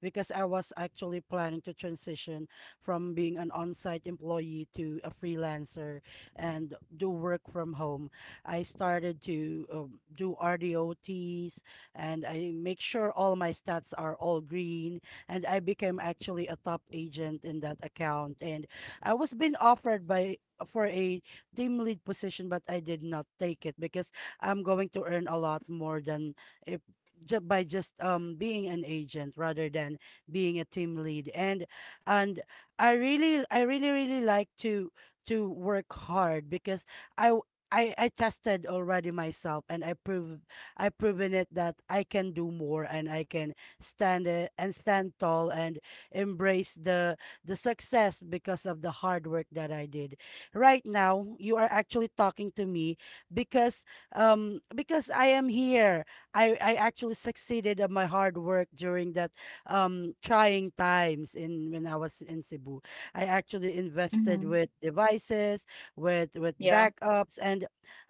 because I was actually planning to transition from being an on-site employee to a freelancer and do work from home. I started to um, do R dots and I make sure all my stats are all green. And I became actually a top agent in that account. And I was being offered by for a team lead position, but I did not take it because I'm going to earn a lot more than if ju- by just um being an agent rather than being a team lead. And and i really i really really like to to work hard because I w- I, I tested already myself and I prove I proven it that I can do more and I can stand it and stand tall and embrace the the success because of the hard work that I did. Right now you are actually talking to me because um because I am here. I, I actually succeeded of my hard work during that um trying times in when I was in Cebu. I actually invested
Mhm.
with devices, with with
Yeah.
backups, and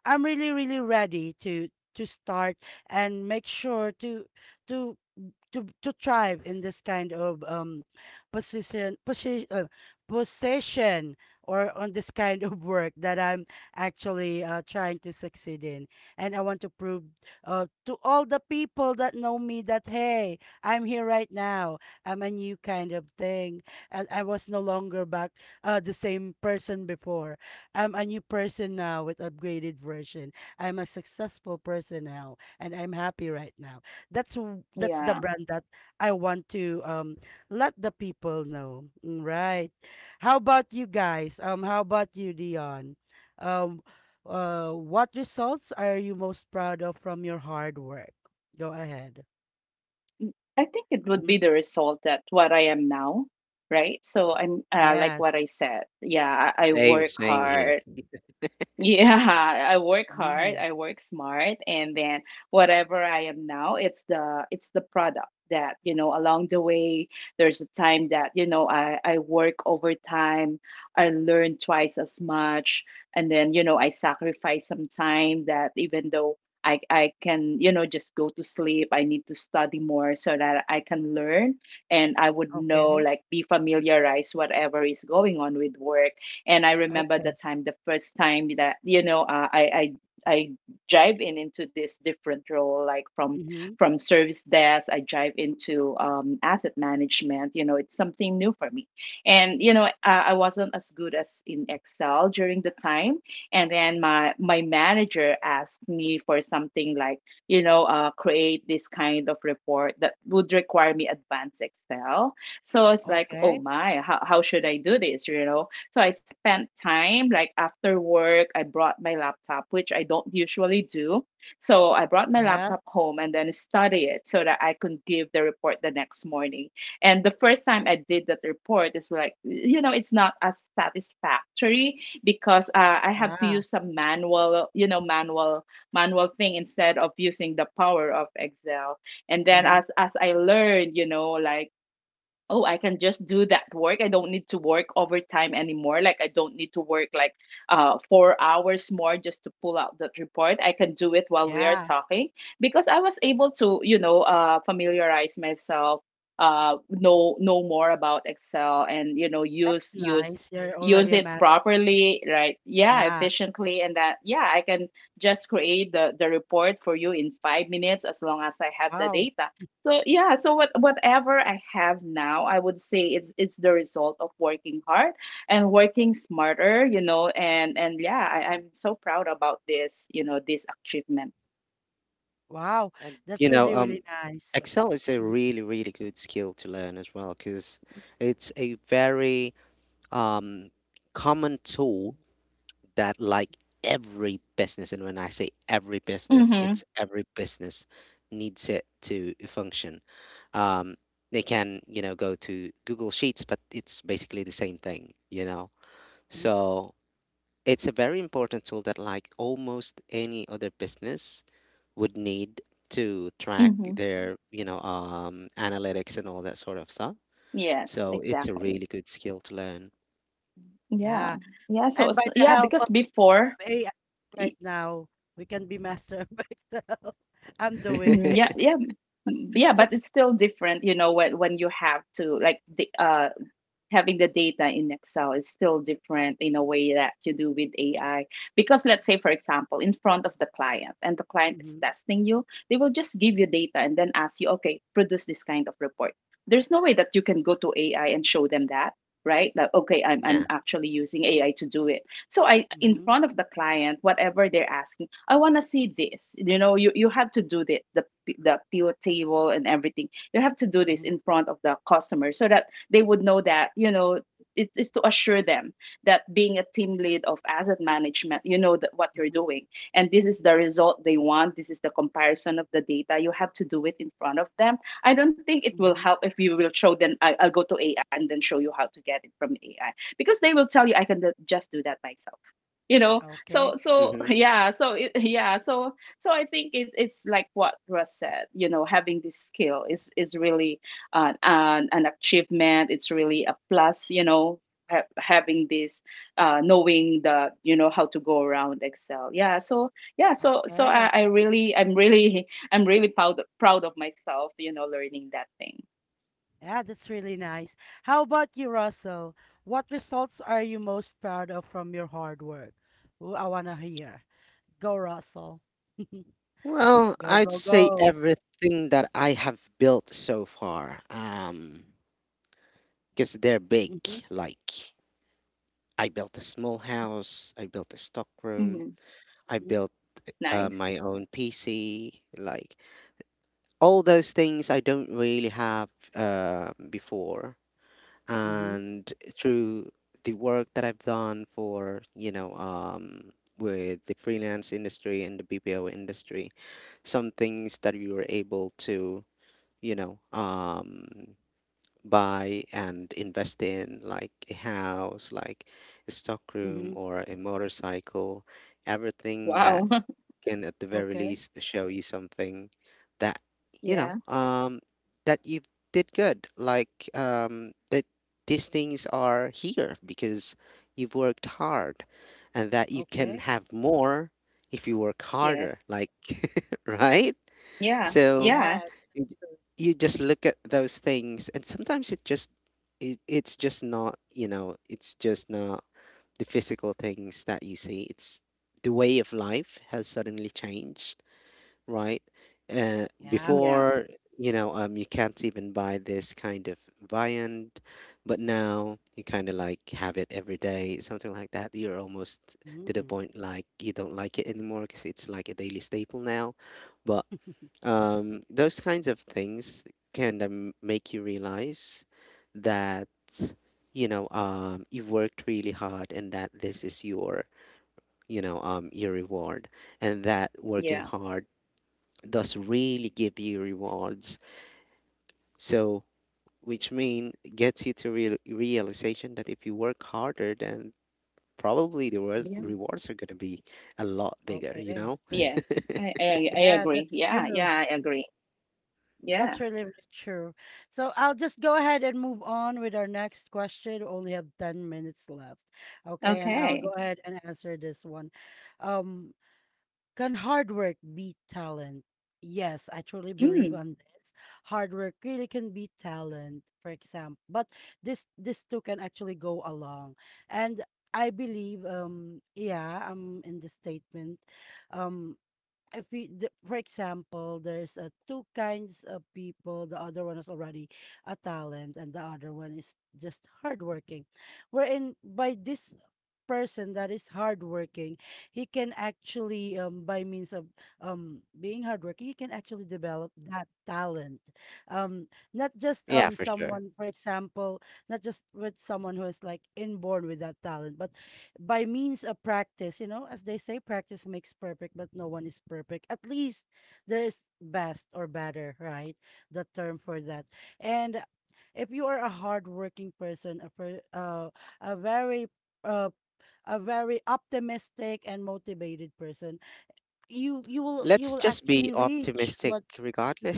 I'm really really ready to to start and make sure to to to to thrive in this kind of um position position uh, position or on this kind of work that I'm actually uh, trying to succeed in, and I want to prove uh, to all the people that know me that hey, I'm here right now. I'm a new kind of thing and I was no longer back uh, the same person before. I'm a new person now with upgraded version. I'm a successful person now and I'm happy right now. That's w- that's the
Yeah.
brand that I want to um let the people know. Mm, right. How about you guys? Um, how about you, Dion? Um, uh, what results are you most proud of from your hard work? Go ahead.
Mm, I think it would be
Mm,
the result that what I am now, right? So I'm, uh, like
yes.
what I said. Yeah, I, I
Same,
work
same here.
hard. Yeah, I work hard,
Mm,
I work smart, and then whatever I am now, it's the it's the product that, you know, along the way, there's a time that, you know, I I work overtime, I learn twice as much, and then, you know, I sacrifice some time that even though I I can, you know, just go to sleep, I need to study more so that I can learn, and I would know,
okay.
like, be familiarized whatever is going on with work. And I remember the
Okay.
time, the first time that, you know, uh, I I I drive in into this different role, like from
Mm-hmm.
from service desk, I drive into um, asset management. You know, it's something new for me, and you know, I, I wasn't as good as in Excel during the time. And then my my manager asked me for something like, you know, uh, create this kind of report that would require me advanced Excel. So it's like, oh
Okay.
my, how, how should I do this? You know, so I spent time, like after work, I brought my laptop, which I don't usually do. So I brought my
Yeah.
laptop home and then study it so that I could give the report the next morning. And the first time I did that report is like, you know, it's not as satisfactory, because uh, I have to
Yeah.
use some manual, you know, manual manual thing instead of using the power of Excel. And then
Mm-hmm.
as as I learned, you know, like oh, I can just do that work, I don't need to work overtime anymore. Like, I don't need to work like uh, four hours more just to pull out that report, I can do it while we are
Yeah.
talking, because I was able to, you know uh, familiarize myself, uh, know know more about Excel, and you know use
That's
use
nice. You're already
use
a
it
math.
properly, right? Yeah,
Yeah.
efficiently, and that, yeah, I can just create the the report for you in five minutes as long as I have the
Wow.
data. So yeah, so what whatever I have now, I would say it's it's the result of working hard and working smarter, you know, and and yeah, I,
Mhm.
I'm so proud about this, you know, this achievement.
Wow.
And
That's
you know,
really,
um,
really nice.
Excel is a really, really good skill to learn as well, because it's a very um, common tool that, like every business, and when I say every business,
Mm-hmm.
it's every business needs it to function. um, they can, you know, go to Google Sheets, but it's basically the same thing, you know.
Mhm.
So it's a very important tool that like almost any other business would need to track
Mm-hmm.
their, you know, um, analytics and all that sort of stuff.
Yes,
So it's a
exactly.
really good skill to learn.
Yeah.
Yeah,
Yeah. So,
and by
so
the
yeah,
help
because
of
before,
of A I
y-
right now, we can be master of Excel. I'm doing
mm, yeah,
it.
yeah, mm, yeah, but it's still different, you know, when when you have to, like, the uh having the data in Excel is still different in a way that you do with A I. Because let's say, for example, in front of the client and the client is
Mm.
testing you, they will just give you data and then ask you, okay, produce this kind of report. There's no way that you can go to A I and show them that, right? Like, okay, I'm, I'm
Yeah.
actually using A I to do it. So I, in
Mhm,
front of the client, whatever they're asking, I want to see this. You know, you, you have to do the, the the pivot table and everything. You have to do this
mhm,
in front of the customer so that they would know that you know it is to assure them that being a team lead of asset management, you know that what
mhm,
you're
mhm,
doing, and this is the result they want. This is the comparison of the data. You have to do it in front of them. I don't think it will
mhm.
help if you will show them I, I'll go to A I and then show you how to get it from A I, because they will tell you I can just do that myself, you know. so
Okay,
so
Hmm.
yeah, so it, yeah, so so I think it, it's like what Russ said, you know, having this skill is is really an, an, an achievement. It's really a plus, you know. Ha- having this uh, knowing the, you know, how to go around Excel. Yeah, so yeah, so so i,
okay.
I really, I'm really I'm really proud proud of myself, you know, learning that thing.
Yeah, that's really nice. How about you, Russell? What results are you most proud of from your hard work? Ooh, I want to hear. Go, Russell.
Well,
Go,
I'd
go,
say
go.
everything that I have built so far, um, because they're big,
Mm-hmm,
like I built a small house. I built a stockroom.
Hmm.
I
mm-hmm,
built uh,
Nice.
my own P C. Like all those things I don't really have uh, before.
mm-hmm.
And through the work that I've done for, you know, um, with the freelance industry and the B P O industry, some things that we were able to, you know, um, buy and invest in, like a house, like a stockroom
Mm-hmm.
or a motorcycle, everything
Wow.
that can at the very
Okay,
least show you something that you
Yeah.
know um that you did good, like um that these things are here because you've worked hard, and that you can
okay.
have more if you work
Yes.
harder, like right?
Yeah,
So
yeah,
Yeah,
you you just look at those things, and sometimes it just it, it's just not you know it's just not the physical things that you see, it's the way of life has suddenly changed, right? Uh,
yeah.
yeah,
before, you know um you can't even buy this kind of viand, but now you kind of like have it every day, something like that. You're almost to the
Mm.
point like you don't like it anymore because it's like a daily staple now. But um, those kinds of things can of make you realize that, you know um, you've worked really hard and that this is your, you know um, your reward, and that working
yeah,
hard does really give you rewards. So which mean gets you to real realization that if you work harder, then probably the rewards
yeah.
Mm-hmm.
rewards are going to be a lot bigger, you
Okay.
know.
Yes, I, I i
Yeah,
agree.
that's
Yeah,
true.
yeah, I agree. Yeah.
That's really, really true. So I'll just go ahead and move on with our next question. We only have ten minutes left. Okay, and I'll go
Okay.
ahead and answer this one. Um, can hard work beat talent? Yes, I truly believe
Mm,
on this. Hard work really can beat talent, for example. But this this two can actually go along. And I believe, um, yeah, I'm in the statement. Um, if we, the, for example, there's uh, two kinds of people. The other one is already a talent, and the other one is just hardworking. Wherein by this person that is hardworking, he can actually, um, by means of um, being hardworking, he can actually develop that talent. Um, not just
Yeah,
um,
for sure.
someone, for example, not just with someone who is like inborn with that talent, but by means of practice, you know, as they say, practice makes perfect, but no one is perfect. At least there is best or better, right? The term for that. And if you are a hardworking person, a per, uh, a very uh, a very optimistic and motivated person, you you will you
Let's
will
just be
actually reach
optimistic
what.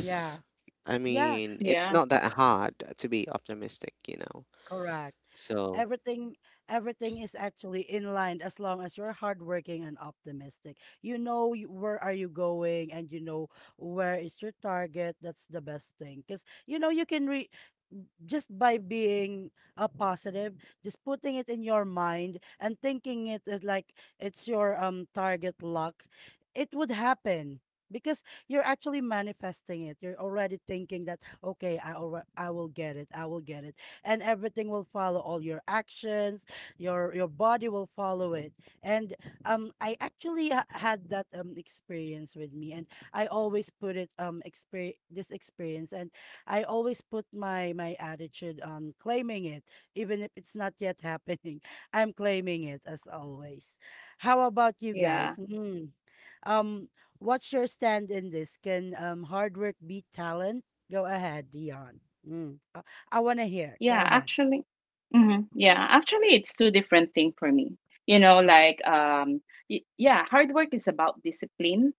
Yeah,
I
yeah.
mean, it's
yeah,
not that hard to be optimistic, you know.
Correct.
So,
Everything everything is actually in line. As long as you're hardworking and optimistic, you know y- where are you going and you know where is your target, that's the best thing, because you know you can re- just by being uh, positive, just putting it in your mind and thinking it as like it's your um target luck, it would happen because you're actually manifesting it. You're already thinking that okay, I alre I will get it, I will get it, and everything will follow. All your actions, your your body will follow it. And um, I actually ha- had that um experience with me, and I always put it um exper this experience, and I always put my my attitude on claiming it, even if it's not yet happening. I'm claiming it as always. How about you
yeah.
guys? Mm. Um, what's your stand in this? Can um hard work beat talent? Go ahead, Dion. Mm. Uh, I want to hear.
Yeah,
Go ahead.
actually, hmm yeah, actually, it's two different things for me. You know,
Mm.
like, um, y- yeah, hard work is about discipline,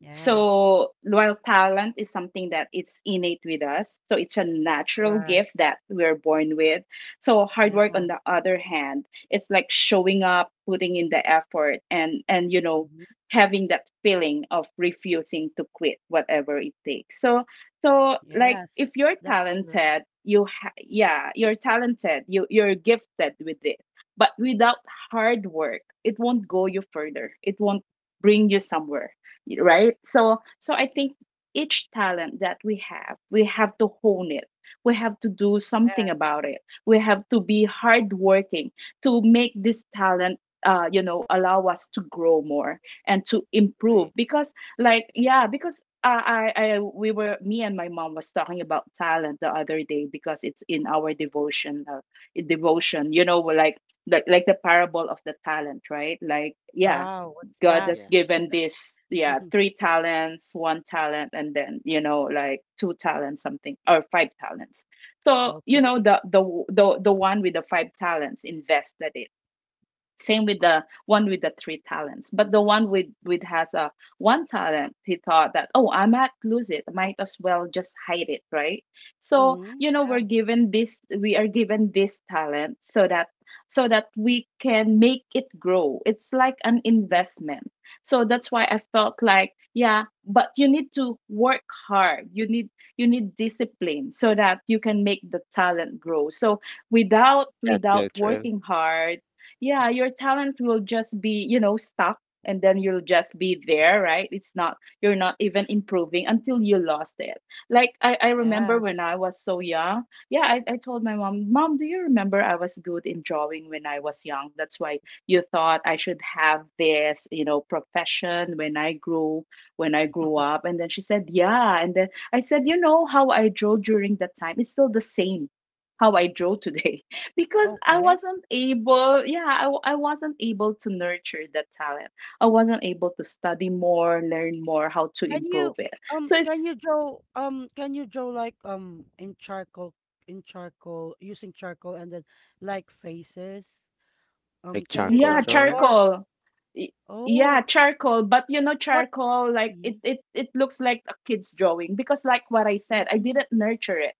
Yes,
so while talent is something that it's innate with us, so it's a natural
correct.
gift that we're born with. So hard work,
Yeah.
on the other hand, it's like showing up, putting in the effort, and and you know,
Mhm.
having that feeling of refusing to quit whatever it takes. So so like
Yes,
if you're
that's true.
talented, you ha- yeah, you're talented, you you're gifted with it, but without hard work, it won't go you further. It won't bring you somewhere, right? So so I think each talent that we have, we have to hone it. We have to do something
Yes.
about it. We have to be hardworking to make this talent, uh, you know, allow us to grow more and to improve.
agree.
Because like, yeah, because uh, I, I, we were, me and my mom was talking about talent the other day because it's in our devotion, uh, devotion, you know. We're like, like like the parable of the talent, right? Like, yeah,
Wow, what's
God
that?
has
Yeah,
given this, yeah, three talents, one talent, and then, you know, like two talents, something, or five talents. So you know,
Okay.
the the the the one with the five talents invested it. Same with the one with the three talents. But the one with with has a one talent, he thought that, oh, I might lose it. Might as well just hide it, right? So,
Mm-hmm.
you know, we're
Yeah.
given this we are given this talent so that so that we can make it grow. It's like an
Mm,
investment. So that's why I felt like, yeah, but you need to work hard. You need, you need discipline so that you can make the talent grow. So without
that's so
without
true.
working hard, yeah, your talent will just be, you know, stuck, and then you'll just be there, right? It's not, you're not even improving until you lost it. Like i, I remember when
yes.
I was so young. Yeah, I, I told my mom, mom, do you remember I was good in drawing when I was young? That's why you thought I should have this, you know, profession when I grew, when I grew up. And then she said yeah, and then I said, you know how I drew during that time, it's still the same how I draw today. Because I
Okay.
wasn't able, yeah, I, w- I wasn't able to nurture that talent. I wasn't able to study more, learn more, how to
Can you
improve it.
um
So
can
it's,
you draw um can you draw like um in charcoal, in charcoal using charcoal and then like faces? Um
Like
can you
charcoal
draw
yeah,
that,
drawing.
or
charcoal. Y-
oh,
Yeah, charcoal, but you know,
what?
charcoal, like
Mm,
it, it, it looks like a kid's drawing because, like what I said, I
mm.
didn't nurture it.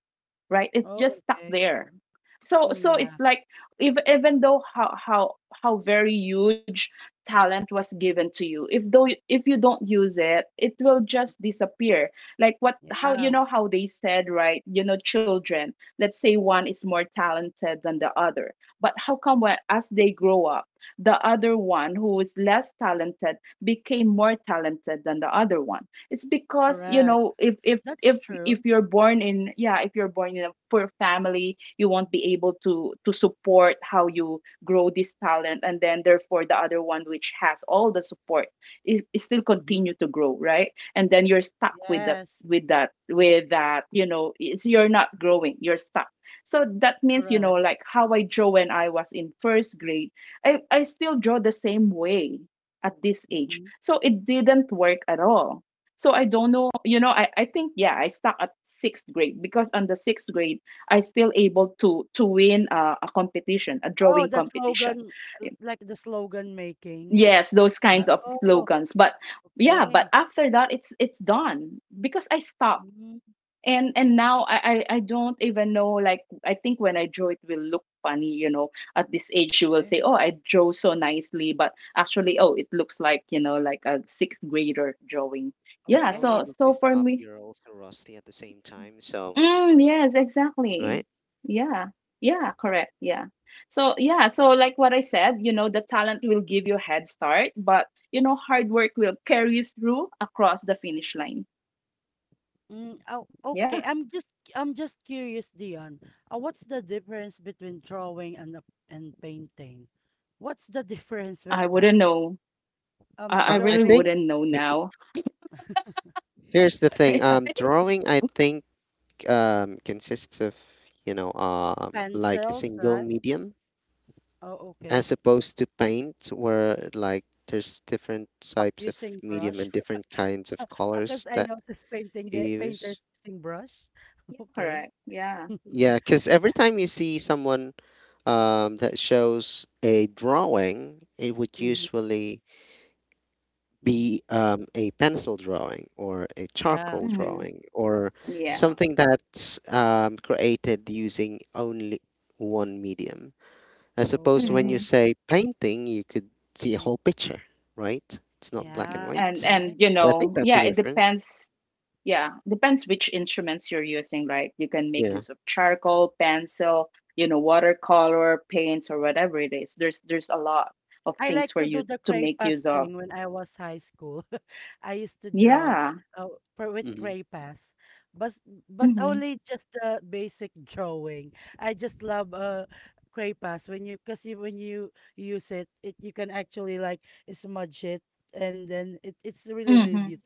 Right, it's
Oh,
just stuck
okay.
there. So
Mm,
so
yeah.
it's like, even even though how how how very huge talent was given to you, if though, if you don't use it, it will just disappear. Like what, how, you
Yeah.
know, how they said, right? You know, children, let's say one is more talented than the other, but how come when, as they grow up, the other one who is less talented became more talented than the other one? It's because, you
Correct.
know, if if
That's
if if
true.
you're born in, yeah, if you're born in a poor family, you won't be able to to support how you grow this talent, and then therefore the other one which has all the support is, is still
Mm-hmm.
continue to grow, right? And then you're stuck with that,
Yes,
with that with that, you know. It's, you're not growing, you're stuck. So that means, you know,
correct.
like how I draw when I was in first grade, i, I still draw the same way at this age.
Hmm.
So it didn't work at all. So I don't know, you know, I, I think, yeah, I stuck at sixth grade, because on the sixth grade, I still able to to win a, a competition, a
Oh,
drawing
the
competition.
slogan, l- like the slogan making.
Yes, those
Uh,
kinds of
oh,
slogans. But yeah, but
okay.
after that, it's it's done because I stopped.
Mm,
And and now I, I I don't even know. Like, I think when I draw it will look funny, you know. At this age you will
okay.
say, oh, I draw so nicely, but actually, oh, it looks like, you know, like a sixth grader drawing.
Not
Yeah,
only
Okay.
so
did you
so for
stop,
me.
you're also rusty at the same time. So,
Mm, yes, exactly.
right?
Yeah. Yeah, correct. Yeah. So, yeah, so like what I said, you know, the talent will give you a head start, but you know, hard work will carry you through across the finish line.
Mm, oh,
Yeah.
okay. I'm just I'm just curious, Dion. Uh, what's the difference between drawing and a- and painting? What's the difference
I
with
wouldn't
that?
know. I, I
Um,
Um,
really
I think
drawing
wouldn't know
he- he-
now.
here's the thing.
is
Um, drawing, I think, um, consists of, you know, um, like a
pencils,
single
right?
medium,
Oh, okay.
as opposed to paint where like there's different types of
Using
medium
brush.
and different kinds of
Because
colors
I
that
noticed painting,
you
the painters
use.
using brush.
Yeah,
Okay.
correct. Yeah.
Yeah, because every time you see someone um, that shows a drawing, it would
Mm-hmm.
usually
Mm-hmm.
be um, a pencil drawing or a
Yeah.
charcoal
Mm-hmm.
drawing or
Okay.
Yeah.
something that's um, created using only one medium. As opposed to when you
Okay.
Mm-hmm.
say painting, you could see a
Mm-hmm.
whole picture, right? It's not black and
Yeah.
And
white.
and
Okay.
you
So I think
know,
that's
yeah,
the
it
difference.
depends. Yeah, depends which instruments you're using, right? You can make
Yeah.
use of charcoal, pencil, you know, watercolor, paints, or whatever it is. There's there's a lot of
I
things
like
for
to do
you
the
to make
crepas
use of.
thing when I was high school. I used to draw
Yeah.
uh, for with
Hmm.
crepas, but but
Mm-hmm.
only just the basic drawing. I just love uh crepas when you because you, when you use it, it you can actually like smudge it, and then it, it's really
Mm-hmm.
really.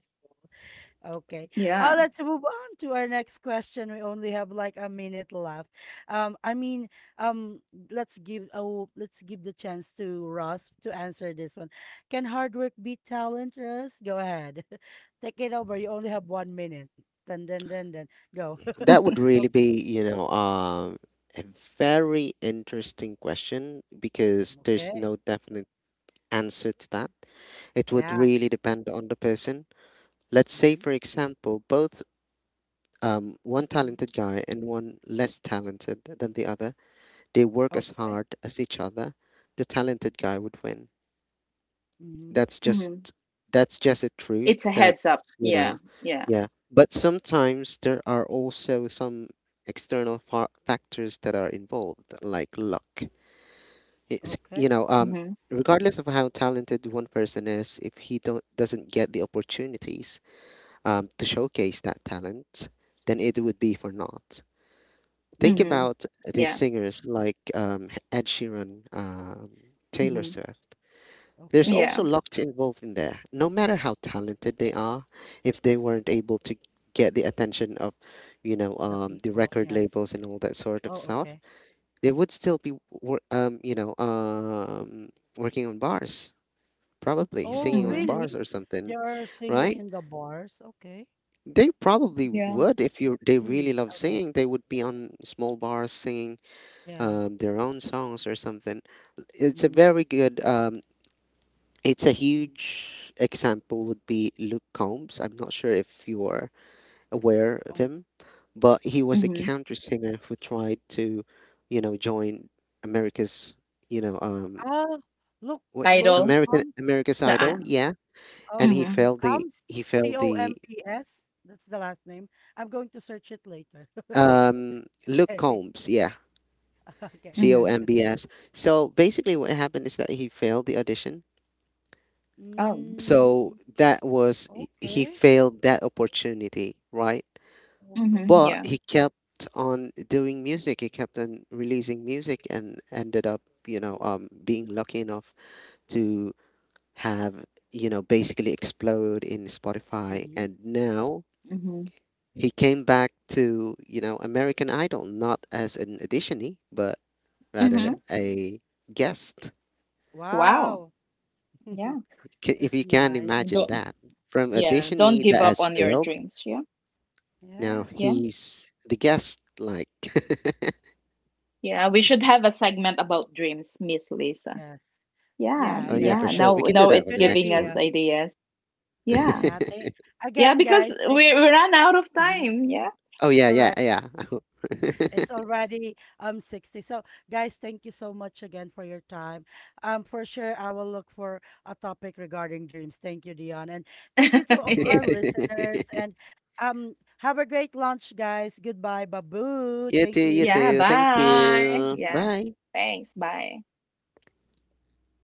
Okay. Uh,
Yeah.
let's move on to our next question. We only have like a minute left. Um, I mean, um, let's give oh, let's give the chance to Ross to answer this one. Can hard work beat talent, Ross? Go ahead. Take it over. You only have one minute. Dun dun dun dun. Go.
That would
O-
really be, you know, um, a very interesting question because there's
Okay.
no definite answer to that. It would
Yeah.
really depend on the person. Let's say,
Mm-hmm.
for example, both um, one
Mm-hmm.
talented guy and one less talented than the other, they work as
Okay.
hard as each other, the talented guy would win.
Mm-hmm.
That's just,
Mm-hmm.
that's just a
It's
truth
a
that,
heads up.
you
Yeah.
know.
Yeah.
Yeah, but sometimes there are also some external fa- factors that are involved, like luck. It's, you
Okay.
know um
Mm-hmm.
regardless of how talented one person is, if he don't doesn't get the opportunities um, to showcase that talent, then it would be for naught. Think
Mm-hmm.
Mm-hmm.
about these
Yeah.
singers like um, Ed Sheeran, um, Taylor
Mm-hmm.
Swift. There's
Okay.
also
Yeah.
luck to involve in there. No matter how talented they are, if they weren't able to get the attention of, you know,
The
um, the
people.
record
Yes.
labels and all that sort of
Oh,
stuff,
okay.
they would still be, wor- um, you know, um, working on bars, probably
Oh,
singing on
Mm-hmm.
bars
really?
or something,
They are singing
right?
in the bars? Okay.
They probably
Yeah.
would if you they really
Mm,
love
okay.
singing. They would be on small bars singing
Yeah.
um, their own songs or something. It's a
Mm-hmm.
very good um, it's a
Mm.
huge example would be Luke Combs. I'm not sure if you are aware of
Um,
him, but he was a
Mm-hmm.
country singer who tried to, you know, join America's, you know, um,
ah, look,
what what-
look,
Idol.
American
comes,
America's
The I.
Idol, yeah,
oh,
and he
Mm-hmm.
failed the,
comes,
he failed the
C O M P S. That's the last name. I'm going to search it later.
um Luke
Okay.
Combs, yeah,
Okay.
C O
Mm-hmm.
M B S. So basically, what happened is that he failed the audition.
Oh.
Mm,
So that was, he he
okay.
failed that opportunity, right?
Okay.
Mm-hmm.
But
Yeah.
he kept on doing music. He kept on releasing music and ended up, you know,
Mm,
um, being lucky enough to have, you know, basically explode in Spotify.
mm-hmm.
And now
Mm-hmm.
he came back to, you know, American Idol, not as an auditionee, but rather
Mm.
Mm-hmm.
a guest.
Wow.
Wow.
Yeah.
Ca- If
That's
you can
nice.
imagine that. From
Yeah, don't
auditionee
give
that
up
has
on your
failed,
dreams. Yeah,
now
yeah,
Yes.
he's the guest, like.
yeah. We should have a segment about dreams, Miss Lisa.
Yes.
Yeah,
Yeah,
Oh yeah,
yeah,
for
yeah.
yeah.
sure. We
Now,
can do
now
that for
it's
Good
the
giving
next
us
one.
idea.
ideas. Yeah,
Yeah, thank
yeah.
again,
Because
guys. Thank
we we ran out of
you. Mhm.
time. Yeah.
Oh yeah, yeah,
Correct.
yeah.
It's already um sixty. So, guys, thank you so much again for your time. Um, for sure, I will look for a topic regarding dreams. Thank you, Dion, and thank you to all our
Yes.
listeners. And um, have a great lunch, guys. Goodbye, babu.
You too,
Thank
you
Yeah.
you.
too. Thank
Bye.
you.
Yeah.
Bye.
Thanks. Bye.